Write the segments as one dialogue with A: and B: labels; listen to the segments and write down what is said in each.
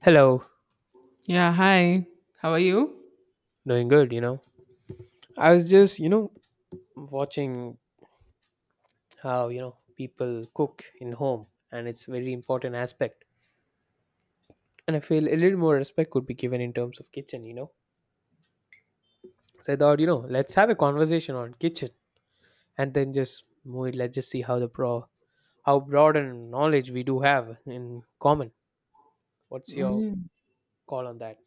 A: Hello.
B: Yeah, hi. How are you?
A: Doing good. I was just watching how people cook in home, and it's a very important aspect. And I feel a little more respect could be given in terms of kitchen. So I thought, let's have a conversation on kitchen, and then just move it. Let's just see how the pro how broad and knowledge we do have in common. What's your
B: Mm.
A: call on that?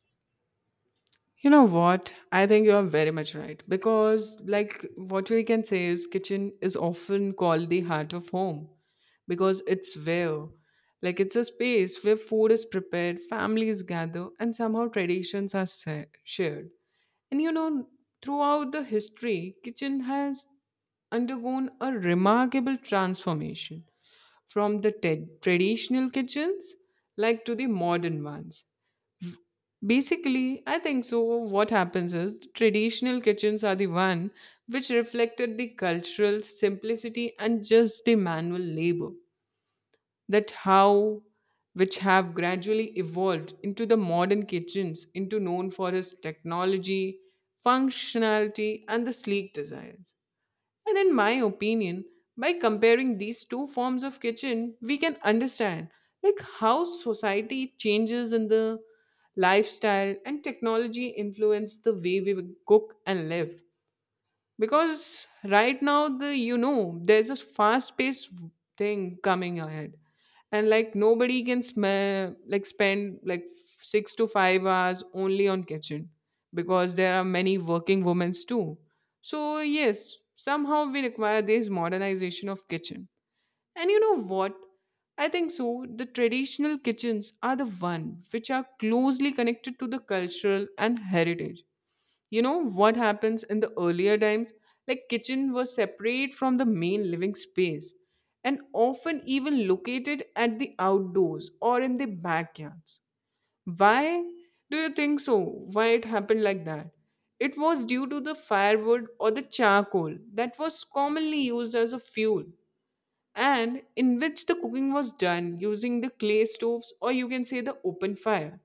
B: You know what? I think you are very much right because, like, what we can say is kitchen is often called the heart of home because it's where, like, it's a space where food is prepared, families gather, and somehow traditions are shared. And you know, throughout the history, kitchen has undergone a remarkable transformation from the traditional kitchens like to the modern ones. Basically, I think so. What happens is the traditional kitchens are the one which reflected the cultural simplicity and just the manual labor that how which have gradually evolved into the modern kitchens into known for its technology, functionality and the sleek designs. And in my opinion, by comparing these two forms of kitchen, we can understand like how society changes in the lifestyle and technology influence the way we cook and live because right now the you know there's a fast paced thing coming ahead, and like nobody can smell like spend like 6 to 5 hours only on kitchen because there are many working women too. So yes, somehow we require this modernization of kitchen. And you know what, I think so the traditional kitchens are the one which are closely connected to the cultural and heritage. You know what happens in the earlier times, like kitchen was separate from the main living space and often even located at the outdoors or in the backyards. Why do you think so? Why it happened like that? It was due to the firewood or the charcoal that was commonly used as a fuel, and in which the cooking was done using the clay stoves, or you can say the open fire.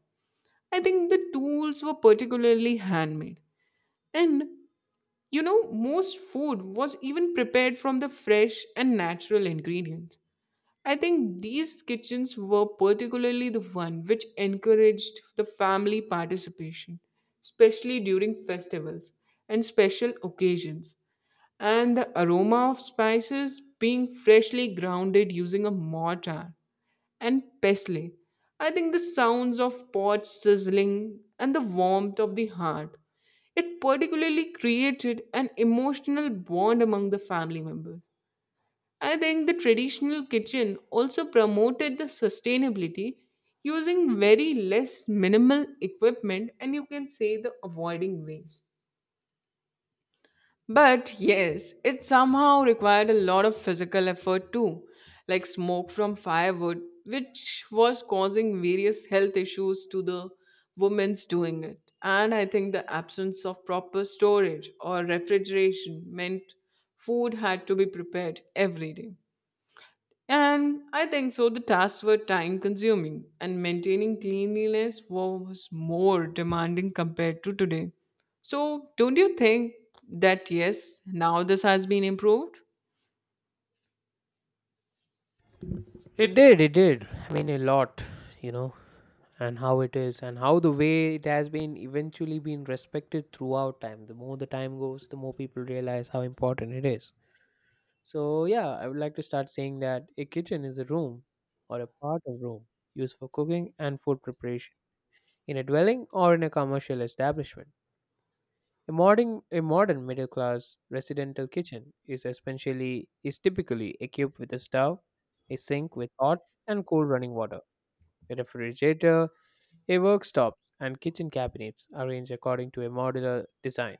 B: I think the tools were particularly handmade, and you know, most food was even prepared from the fresh and natural ingredients. I think these kitchens were particularly the one which encouraged the family participation, especially during festivals and special occasions. And the aroma of spices being freshly grounded using a mortar and pestle. I think the sounds of pots sizzling and the warmth of the hearth, it particularly created an emotional bond among the family members. I think the traditional kitchen also promoted the sustainability using very less minimal equipment, and you can say the avoiding waste. But yes, it somehow required a lot of physical effort too, like smoke from firewood, which was causing various health issues to the women's doing it. And I think the absence of proper storage or refrigeration meant food had to be prepared every day. And I think so, the tasks were time consuming, and maintaining cleanliness was more demanding compared to today. So, don't you think that yes, now this has been improved?
A: It did, it did. I mean a lot, you know. And how it is and how the way it has been eventually been respected throughout time. The more the time goes, the more people realize how important it is. So yeah, I would like to start saying that a kitchen is a room or a part of room used for cooking and food preparation in a dwelling or in a commercial establishment. A modern middle class residential kitchen is typically equipped with a stove, a sink with hot and cold running water, a refrigerator, a worktop, and kitchen cabinets arranged according to a modular design.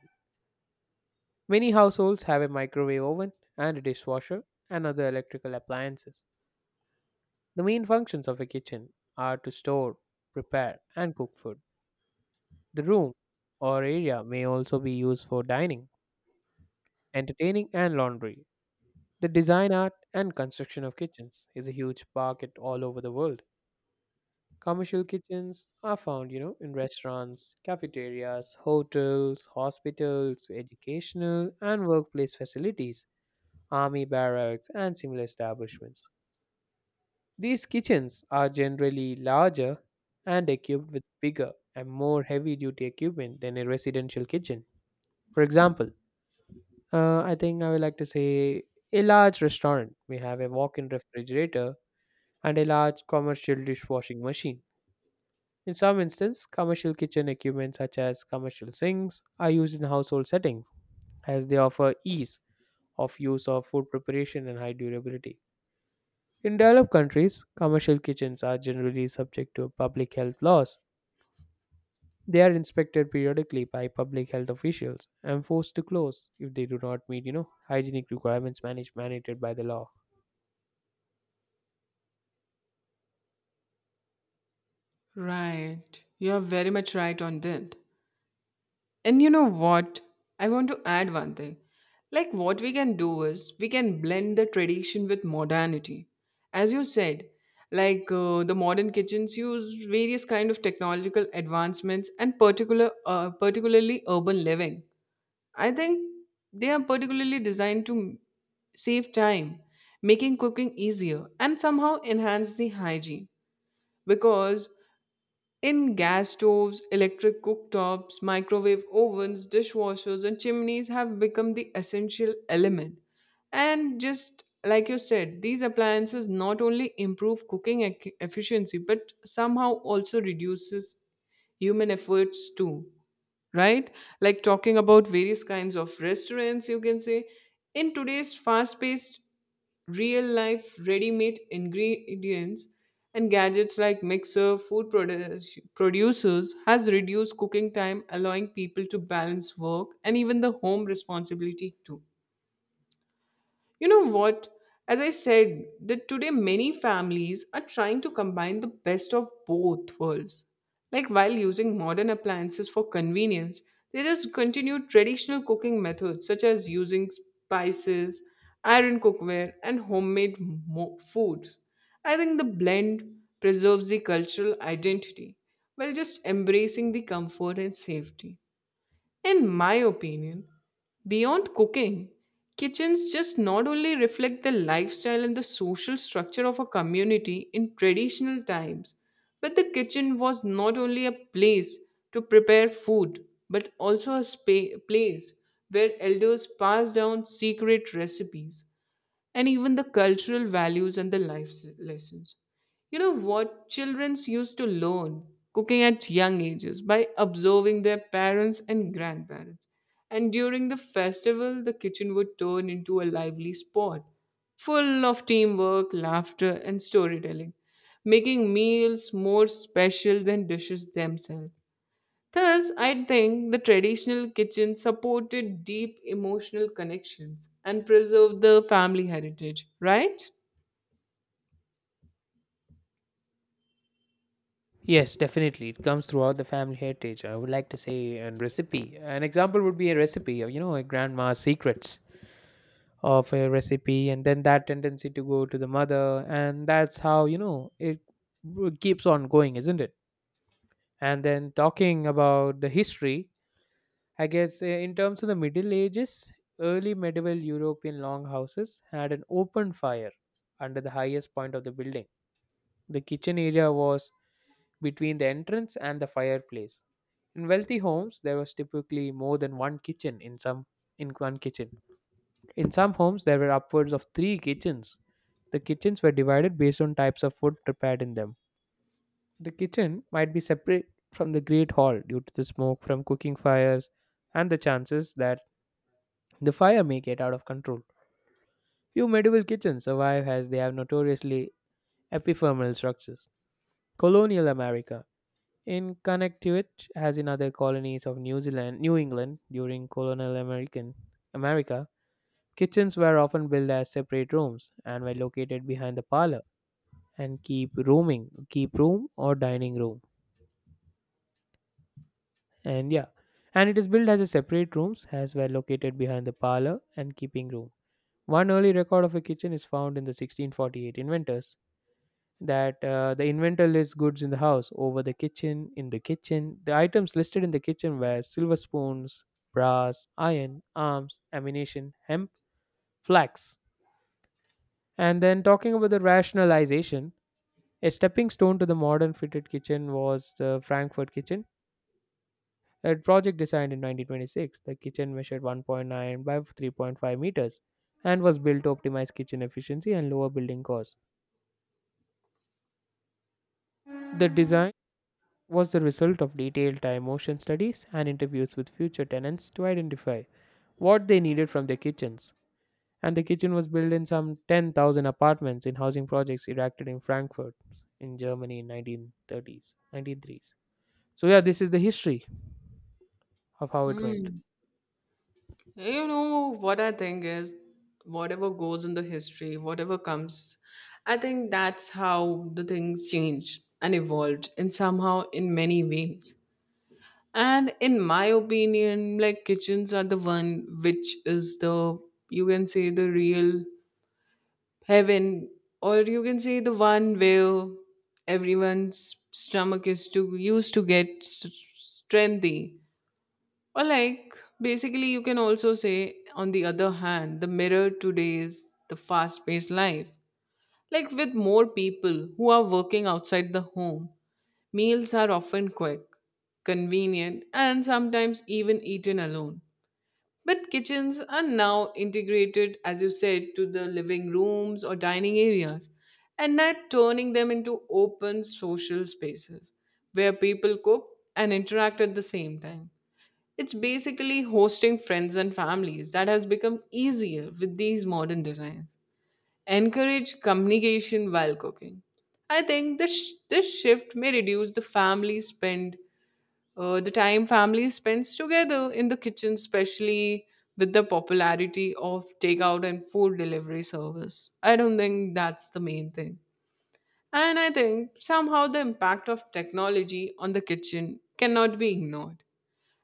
A: Many households have a microwave oven and a dishwasher and other electrical appliances. The main functions of a kitchen are to store, prepare, and cook food. The room or area may also be used for dining, entertaining, and laundry. The design art and construction of kitchens is a huge market all over the world. Commercial kitchens are found, in restaurants, cafeterias, hotels, hospitals, educational and workplace facilities, army barracks, and similar establishments. These kitchens are generally larger and equipped with bigger and more heavy duty equipment than a residential kitchen. For example, I think I would like to say a large restaurant may have a walk in refrigerator and a large commercial dishwashing machine. In some instances, commercial kitchen equipment such as commercial sinks are used in household settings, as they offer ease of use of food preparation and high durability. In developed countries, commercial kitchens are generally subject to public health laws. They are inspected periodically by public health officials and forced to close if they do not meet, hygienic requirements managed mandated by the law.
B: Right. You are very much right on that. And you know what? I want to add one thing. Like, what we can do is we can blend the tradition with modernity. As you said, like the modern kitchens use various kind of technological advancements and particularly urban living. I think they are particularly designed to save time, making cooking easier, and somehow enhance the hygiene because in gas stoves, electric cooktops, microwave ovens, dishwashers, and chimneys have become the essential element. And just like you said, these appliances not only improve cooking efficiency but somehow also reduces human efforts too, right? Like talking about various kinds of restaurants, you can say. In today's fast paced, real life, ready made ingredients and gadgets like mixer, producers has reduced cooking time, allowing people to balance work and even the home responsibility too. You know what? As I said, that today many families are trying to combine the best of both worlds. Like while using modern appliances for convenience, they just continue traditional cooking methods such as using spices, iron cookware, and homemade foods. I think the blend preserves the cultural identity while just embracing the comfort and safety. In my opinion, beyond cooking, kitchens just not only reflect the lifestyle and the social structure of a community in traditional times, but the kitchen was not only a place to prepare food, but also a place where elders passed down secret recipes and even the cultural values and the life lessons. You know what? Childrens used to learn cooking at young ages by observing their parents and grandparents. And during the festival, the kitchen would turn into a lively spot full of teamwork, laughter, and storytelling, making meals more special than dishes themselves. Thus, I think the traditional kitchen supported deep emotional connections and preserved the family heritage, right?
A: Yes, definitely. It comes throughout the family heritage. I would like to say a recipe. An example would be a recipe, a grandma's secrets of a recipe, and then that tendency to go to the mother, and that's how, it keeps on going, isn't it? And then talking about the history, I guess in terms of the Middle Ages, early medieval European longhouses had an open fire under the highest point of the building. The kitchen area was between the entrance and the fireplace. In wealthy homes, there was typically more than one kitchen in one kitchen. In some homes, there were upwards of three kitchens. The kitchens were divided based on types of food prepared in them. The kitchen might be separate from the great hall due to the smoke from cooking fires and the chances that the fire may get out of control. Few medieval kitchens survive as they have notoriously epiphermal structures. Colonial America. In Connecticut, as in other colonies of New Zealand, New England during colonial America, kitchens were often built as separate rooms and were located behind the parlor and keep room or dining room. And yeah, and it is built as a separate rooms as were located behind the parlor and keeping room. One early record of a kitchen is found in the 1648 inventors that the inventor lists goods in the house over the kitchen. In the kitchen, the items listed in the kitchen were silver spoons, brass, iron, arms, ammunition, hemp, flax. And then talking about the rationalization, a stepping stone to the modern fitted kitchen was the Frankfurt kitchen, a project designed in 1926. The kitchen measured 1.9 by 3.5 meters and was built to optimize kitchen efficiency and lower building costs. The design was the result of detailed time motion studies and interviews with future tenants to identify what they needed from their kitchens. And the kitchen was built in some 10,000 apartments in housing projects erected in Frankfurt in Germany in 1930s. So yeah, this is the history of how it went.
B: Hmm. You know what I think is whatever goes in the history, whatever comes, I think that's how the things changed and evolved and somehow in many ways. And in my opinion, like kitchens are the one which is the, you can say, the real heaven, or you can say the one where everyone's stomach is to used to get strengthy. Or like basically, you can also say on the other hand, the mirror today is the fast-paced life. Like with more people who are working outside the home, meals are often quick, convenient, and sometimes even eaten alone. But kitchens are now integrated, as you said, to the living rooms or dining areas, and not turning them into open social spaces where people cook and interact at the same time. It's basically hosting friends and families that has become easier with these modern designs. Encourage communication while cooking. I think this shift may reduce the family spend the time family spends together in the kitchen, especially with the popularity of takeout and food delivery service. I don't think that's the main thing. And I think somehow the impact of technology on the kitchen cannot be ignored,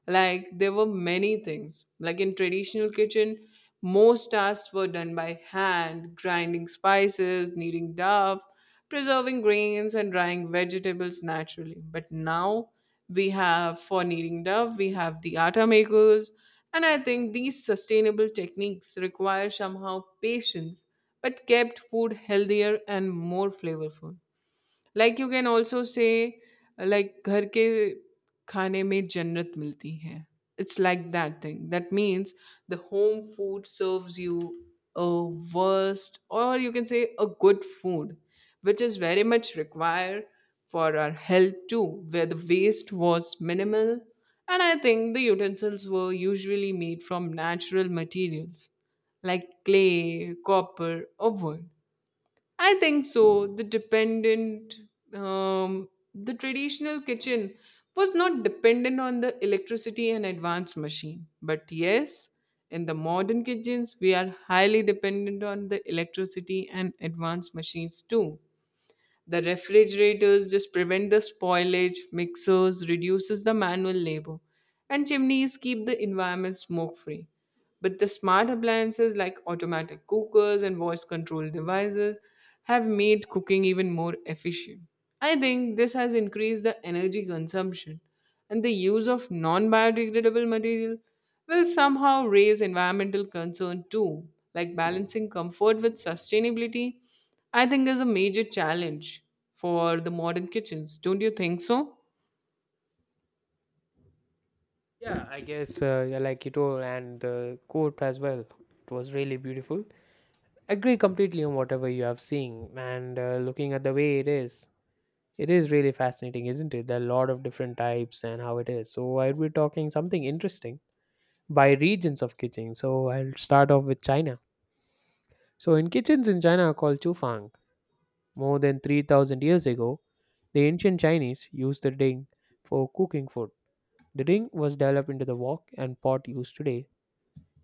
B: like there were many things like in traditional kitchen most tasks were done by hand, grinding spices, kneading dough, preserving grains and drying vegetables naturally. But now we have, for kneading dough we have the atta makers. And I think these sustainable techniques require somehow patience but kept food healthier and more flavorful. Like you can also say like घर के खाने में जन्नत मिलती है. It's like that thing that means the home food serves you a worst, or you can say a good food, which is very much required for our health too, where the waste was minimal. And I think the utensils were usually made from natural materials like clay, copper, or wood. I think so. The traditional kitchen was not dependent on the electricity and advanced machine. But yes, in the modern kitchens, we are highly dependent on the electricity and advanced machines too. The refrigerators just prevent the spoilage, mixers reduces the manual labor, and chimneys keep the environment smoke free. But the smart appliances like automatic cookers and voice control devices have made cooking even more efficient. I think this has increased the energy consumption, and the use of non biodegradable material will somehow raise environmental concern too, like balancing comfort with sustainability. I think is a major challenge for the modern kitchens. Don't you think so?
A: Yeah, I guess yeah, like you told, and the court as well. It was really beautiful. Agree completely on whatever you have seen, and looking at the way it is, it is really fascinating, isn't it? There are a lot of different types and how it is. So I'll be talking something interesting by regions of kitchen. So I'll start off with China. So in kitchens in China called Chufang, more than 3000 years ago, the ancient Chinese used the ding for cooking food. The ding was developed into the wok and pot used today.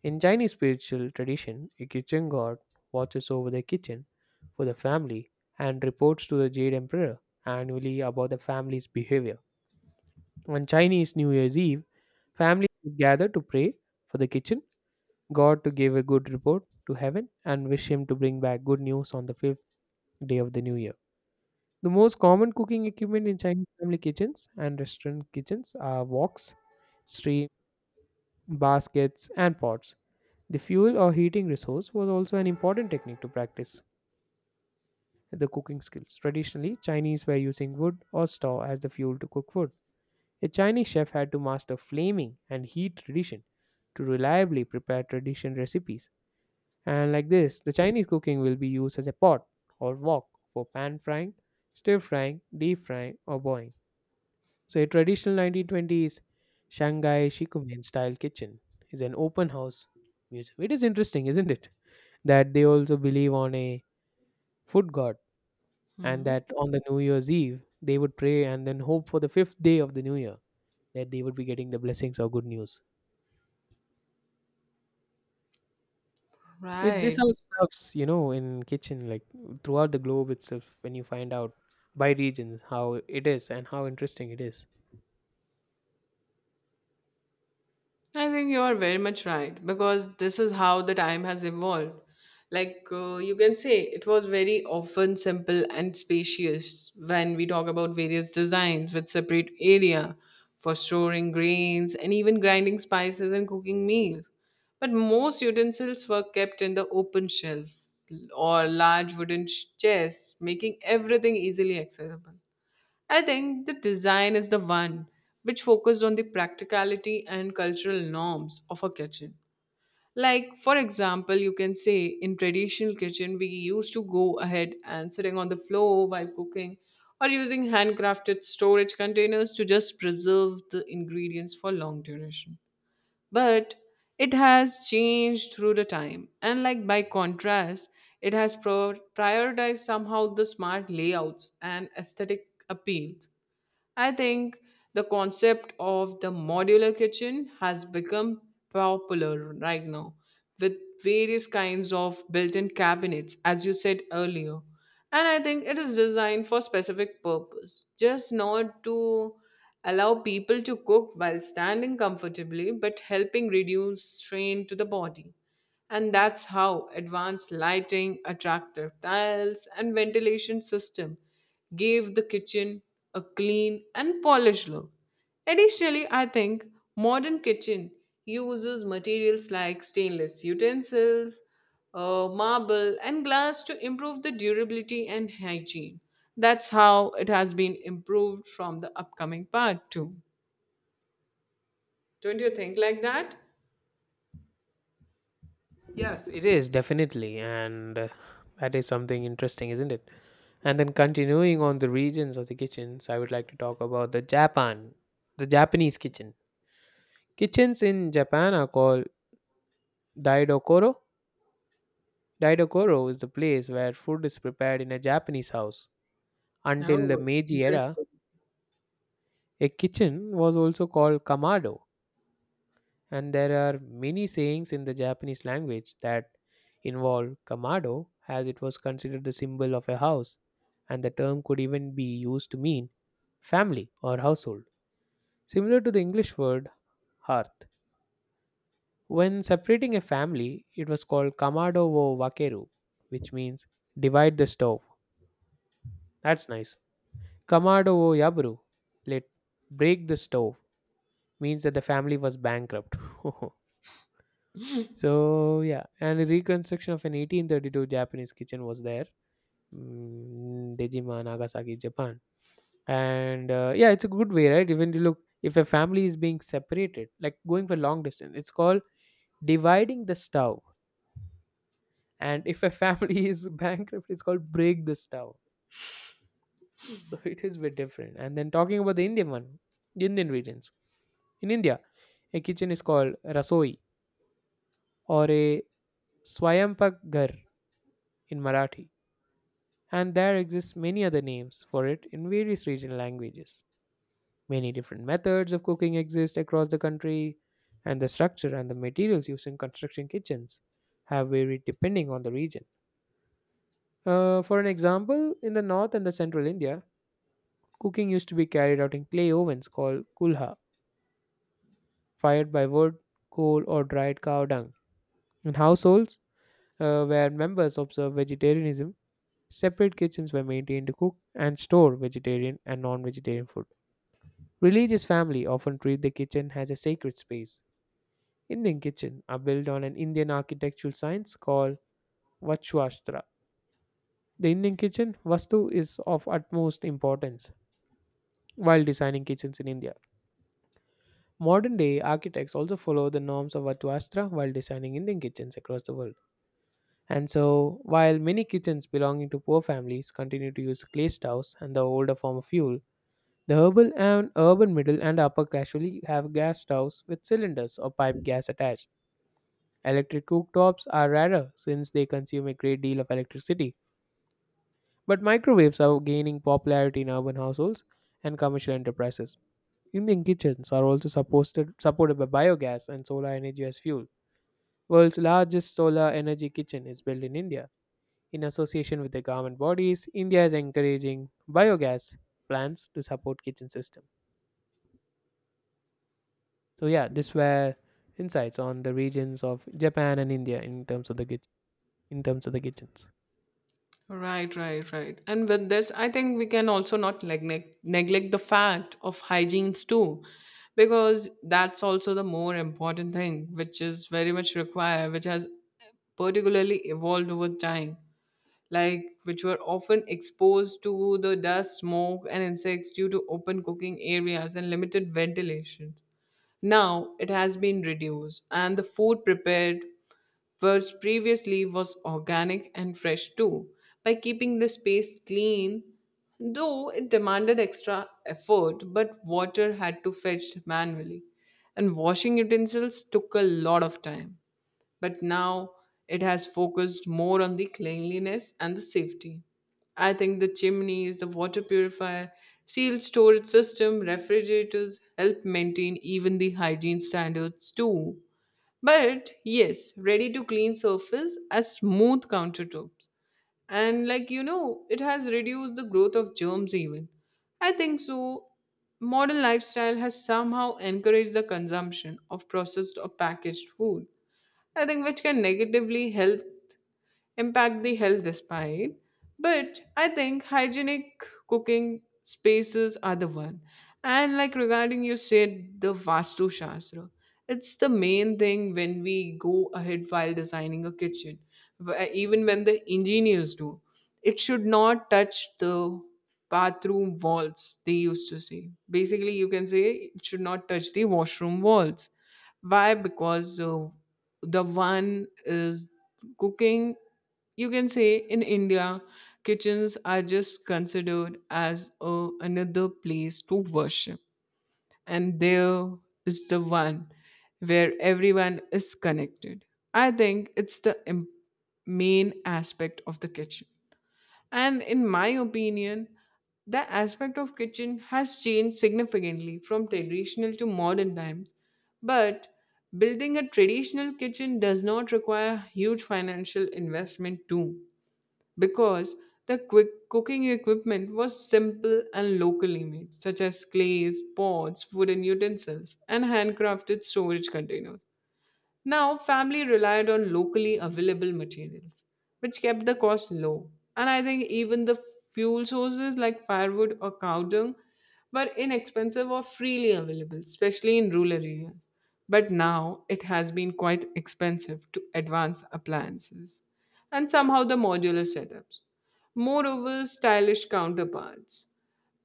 A: In Chinese spiritual tradition, a kitchen god watches over the kitchen for the family and reports to the Jade Emperor annually about the family's behavior. On Chinese New Year's Eve, families would gather to pray for the kitchen god to give a good report to heaven, and wish him to bring back good news on the fifth day of the new year. The most common cooking equipment in Chinese family kitchens and restaurant kitchens are woks, steam baskets, and pots. The fuel or heating resource was also an important technique to practice the cooking skills. Traditionally, Chinese were using wood or straw as the fuel to cook food. A Chinese chef had to master flaming and heat tradition to reliably prepare tradition recipes. And like this, the Chinese cooking will be used as a pot or wok for pan frying, stir frying, deep frying, or boiling. So, a traditional 1920s Shanghai Shikumen style kitchen is an open house museum. It is interesting, isn't it? That they also believe on a food god, and
B: Mhm.
A: that on the New Year's Eve they would pray and then hope for the fifth day of the New Year that they would be getting the blessings or good news. This
B: Right.
A: all serves, in kitchen, like throughout the globe itself, when you find out by regions how it is and how interesting it is.
B: I think you are very much right because this is how the time has evolved. Like you can say, it was very often simple and spacious when we talk about various designs with separate area for storing grains and even grinding spices and cooking meals. But most utensils were kept in the open shelf or large wooden chests, making everything easily accessible. I think the design is the one which focused on the practicality and cultural norms of a kitchen. Like, for example, you can say in traditional kitchen, we used to go ahead and sitting on the floor while cooking or using handcrafted storage containers to just preserve the ingredients for long duration. But it has changed through the time. And like by contrast, it has prioritized somehow the smart layouts and aesthetic appeal. I think the concept of the modular kitchen has become popular right now with various kinds of built in cabinets, as you said earlier. And I think it is designed for specific purpose, just not to allow people to cook while standing comfortably, but helping reduce strain to the body. And that's how advanced lighting, attractive tiles, and ventilation system gave the kitchen a clean and polished look. Additionally, I think modern kitchen uses materials like stainless utensils, marble, and glass to improve the durability and hygiene. That's how it has been improved from the upcoming part too. Don't you think like that?
A: Yes, it is definitely, and that is something interesting, isn't it? And then continuing on the regions of the kitchens, I would like to talk about the Japan, the Japanese kitchen. Kitchens in Japan are called daidokoro. Daidokoro is the place where food is prepared in a Japanese house. Until the
B: No,
A: Meiji era,
B: interesting.
A: a kitchen was also called kamado, and there are many sayings in the Japanese language that involve kamado, as it was considered the symbol of a house, and the term could even be used to mean family or household, similar to the English word hearth. When separating a family, it was called kamado wo wakeru, which means divide the stove. That's nice. Kamado wo yaburu, let break the stove, means that the family was bankrupt. So yeah, and a reconstruction of an 1832 Japanese kitchen was there, Dejima, Nagasaki, Japan. And yeah, it's a good way, right? Even to look if a family is being separated, like going for long distance, it's called dividing the stove. And if a family is bankrupt, it's called break the stove. So it is a bit different. And then talking about the Indian one, Indian regions. In India, a kitchen is called rasoi or a swayampak ghar in Marathi, and there exists many other names for it in various regional languages. Many different methods of cooking exist across the country, and the structure and the materials used in construction kitchens have varied depending on the region. For an example, in the north and the central India, cooking used to be carried out in clay ovens called kulha, fired by wood, coal, or dried cow dung. In households where members observe vegetarianism, separate kitchens were maintained to cook and store vegetarian and non vegetarian food. Religious families often treat the kitchen as a sacred space. Indian kitchen are built on an Indian architectural science called Vastushastra. The Indian kitchen vastu is of utmost importance while designing kitchens in India. Modern day architects also follow the norms of Vastushastra while designing Indian kitchens across the world. And so, while many kitchens belonging to poor families continue to use clay stoves and the older form of fuel, the urban middle and upper class usually have gas stoves with cylinders or pipe gas attached. Electric cooktops are rarer since they consume a great deal of electricity, but microwaves are gaining popularity in urban households and commercial enterprises. Indian kitchens are also supported by biogas and solar energy as fuel. World's largest solar energy kitchen is built in India. In association with the government bodies, India is encouraging biogas plants to support kitchen system. So yeah, this were insights on the regions of Japan and India in terms of the kitchens.
B: Right, right, right. And with this, I think we can also not neglect neglect the fact of hygienes too, because that's also the more important thing, which is very much required, which has particularly evolved over time, like which were often exposed to the dust, smoke, and insects due to open cooking areas and limited ventilation. Now it has been reduced, and the food prepared whereas previously was organic and fresh too. By keeping the space clean, though it demanded extra effort, but water had to fetched manually, and washing utensils took a lot of time. But now it has focused more on the cleanliness and the safety. I think the chimneys, the water purifier, sealed storage system, refrigerators help maintain even the hygiene standards too. But yes, ready to clean surface as smooth countertops. And it has reduced the growth of germs even. I think so. Modern lifestyle has somehow encouraged the consumption of processed or packaged food. I think which can negatively help impact the health despite but I think hygienic cooking spaces are the one and like regarding you said the vastu shastra it's the main thing when we go ahead while designing a kitchen. Even when the engineers do, it should not touch the bathroom walls, they used to say. Basically you can say it should not touch the washroom walls. Why? Because the one is cooking. You can say in India, kitchens are just considered as another place to worship, and there is the one where everyone is connected. I think it's the main aspect of the kitchen. And in my opinion, the aspect of kitchen has changed significantly from traditional to modern times. But building a traditional kitchen does not require huge financial investment too, because the quick cooking equipment was simple and locally made, such as clays, pots, wooden utensils, and handcrafted storage containers. Now, family relied on locally available materials, which kept the cost low. And I think even the fuel sources like firewood or cow dung were inexpensive or freely available, especially in rural areas. But now it has been quite expensive to advance appliances and somehow the modular setups. Moreover, stylish counterparts.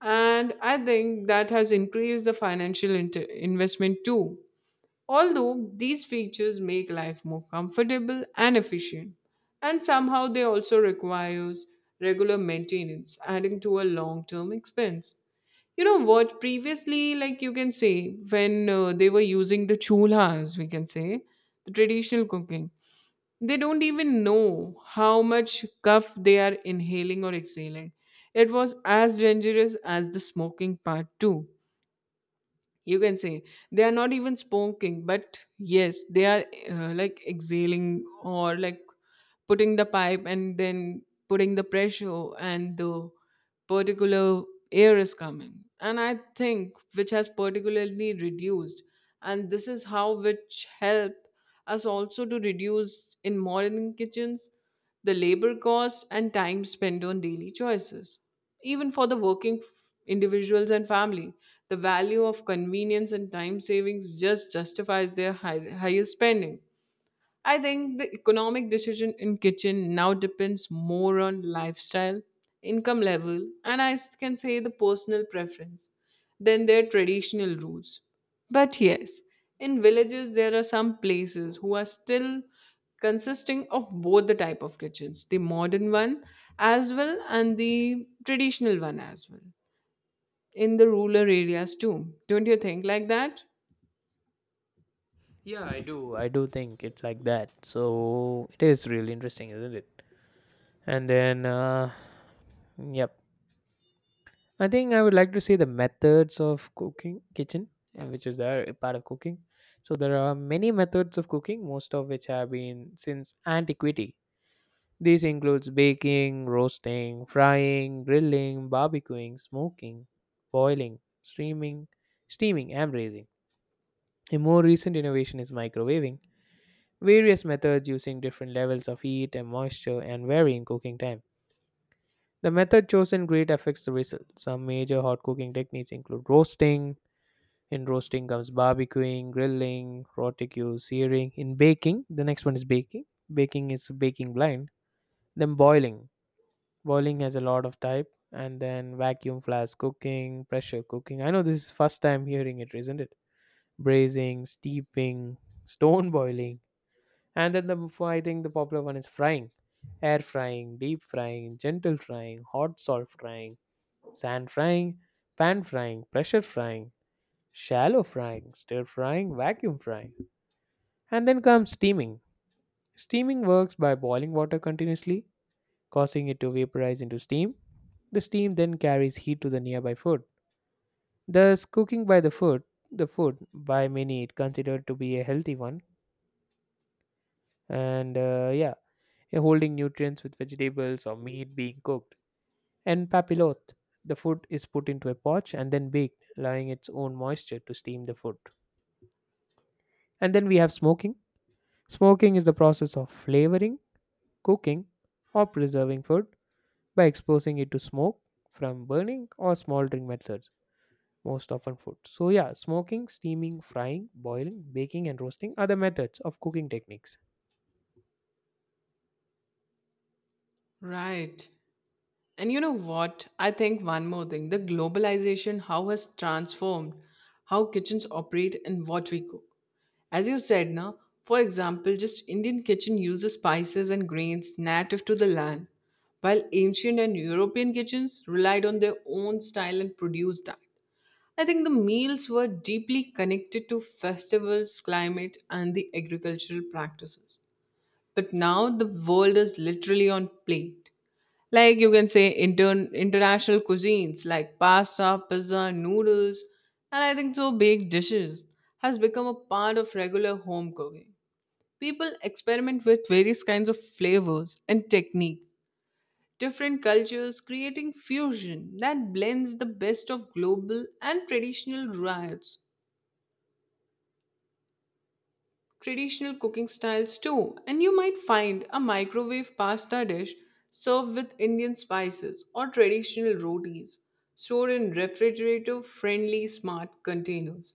B: And I think that has increased the financial investment too. Although these features make life more comfortable and efficient, and somehow they also requires regular maintenance, adding to a long-term expense. You know what? Previously, like you can say, when they were using the chulhas, we can say the traditional cooking, they don't even know how much cuff they are inhaling or exhaling. It was as dangerous as the smoking part too, you can say. They are not even smoking, but yes they are like exhaling, or like putting the pipe and then putting the pressure and the particular air is coming, and I think which has particularly reduced. And this is how which help us also to reduce in modern kitchens the labor cost and time spent on daily choices. Even for the working individuals and family, the value of convenience and time savings just justifies their highest spending. I think the economic decision in kitchen now depends more on lifestyle, income level, and can say the personal preference than their traditional rules. But yes, in villages there are some places who are still consisting of both the type of kitchens, the modern one as well and the traditional one as well. In the rural areas too. Don't you think like that?
A: Yeah, I do. I do think it like that. So it is really interesting, isn't it? And then, yep. I think I would like to see the methods of cooking kitchen, which is there a part of cooking. So there are many methods of cooking, most of which have been since antiquity. This includes baking, roasting, frying, grilling, barbecuing, smoking, boiling, steaming, and braising. A more recent innovation is microwaving various methods using different levels of heat and moisture and varying cooking time. The method chosen greatly affects the result. Some major hot cooking techniques include roasting. In roasting comes barbecuing, grilling, rotisserie, searing. In baking, the next one is baking. Baking is baking blind. Then boiling. Boiling has a lot of type. And then vacuum flask cooking, pressure cooking. I know this is first time hearing it, isn't it? Braising, steeping, stone boiling. And then the before I think the popular one is frying, air frying, deep frying, gentle frying, hot salt frying, sand frying, pan frying, pressure frying, shallow frying, stir frying, vacuum frying. And then comes steaming. Steaming works by boiling water continuously, causing it to vaporize into steam. The steam then carries heat to the nearby food. Thus, cooking by the food by many it considered to be a healthy one. And yeah, you're holding nutrients with vegetables or meat being cooked. And papillote, the food is put into a pot and then baked, allowing its own moisture to steam the food. And then we have smoking. Smoking is the process of flavoring, cooking, or preserving food by exposing it to smoke from burning or smoldering methods, most often food. So, yeah, smoking, steaming, frying, boiling, baking, and roasting are the methods of cooking techniques.
B: Right. And you know what? I think one more thing, the globalization, how has transformed how kitchens operate and what we cook. As you said, now, for example, just Indian kitchen uses spices and grains native to the land, while ancient and European kitchens relied on their own style and produced that. I think the meals were deeply connected to festivals, climate, and the agricultural practices. But now the world is literally on plate. Like you can say international cuisines like pasta, pizza, noodles, and I think so baked dishes has become a part of regular home cooking. People experiment with various kinds of flavors and techniques. Different cultures creating fusion that blends the best of global and traditional riots, traditional cooking styles too, and you might find a microwave pasta dish served with Indian spices or traditional rotis stored in refrigerator friendly smart containers.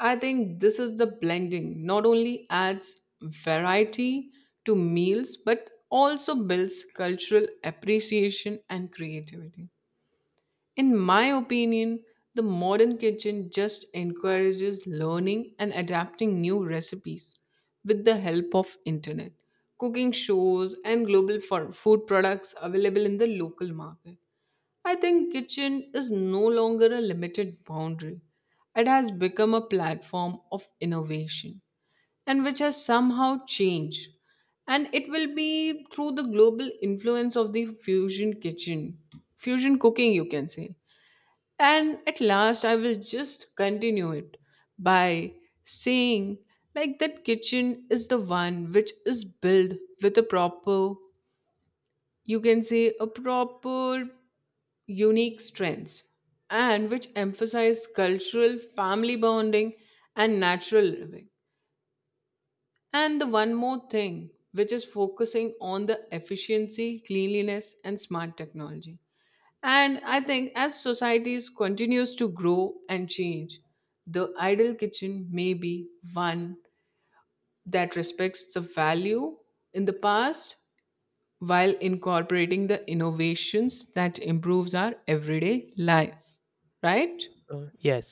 B: I think this is the blending not only adds variety to meals but also builds cultural appreciation and creativity. In my opinion, the modern kitchen just encourages learning and adapting new recipes with the help of internet, cooking shows and global for food products available in the local market. I think kitchen is no longer a limited boundary. It has become a platform of innovation, and which has somehow changed, and it will be through the global influence of the fusion cooking, you can say. And at last, I will just continue it by saying, like, that kitchen is the one which is built with a proper, you can say, a proper unique strengths, and which emphasize cultural, family bonding, and natural living, and one more thing, which is focusing on the efficiency, cleanliness, and smart technology. And I think as societies continues to grow and change, the ideal kitchen may be one that respects the value in the past while incorporating the innovations that improves our everyday life, right?
A: Yes.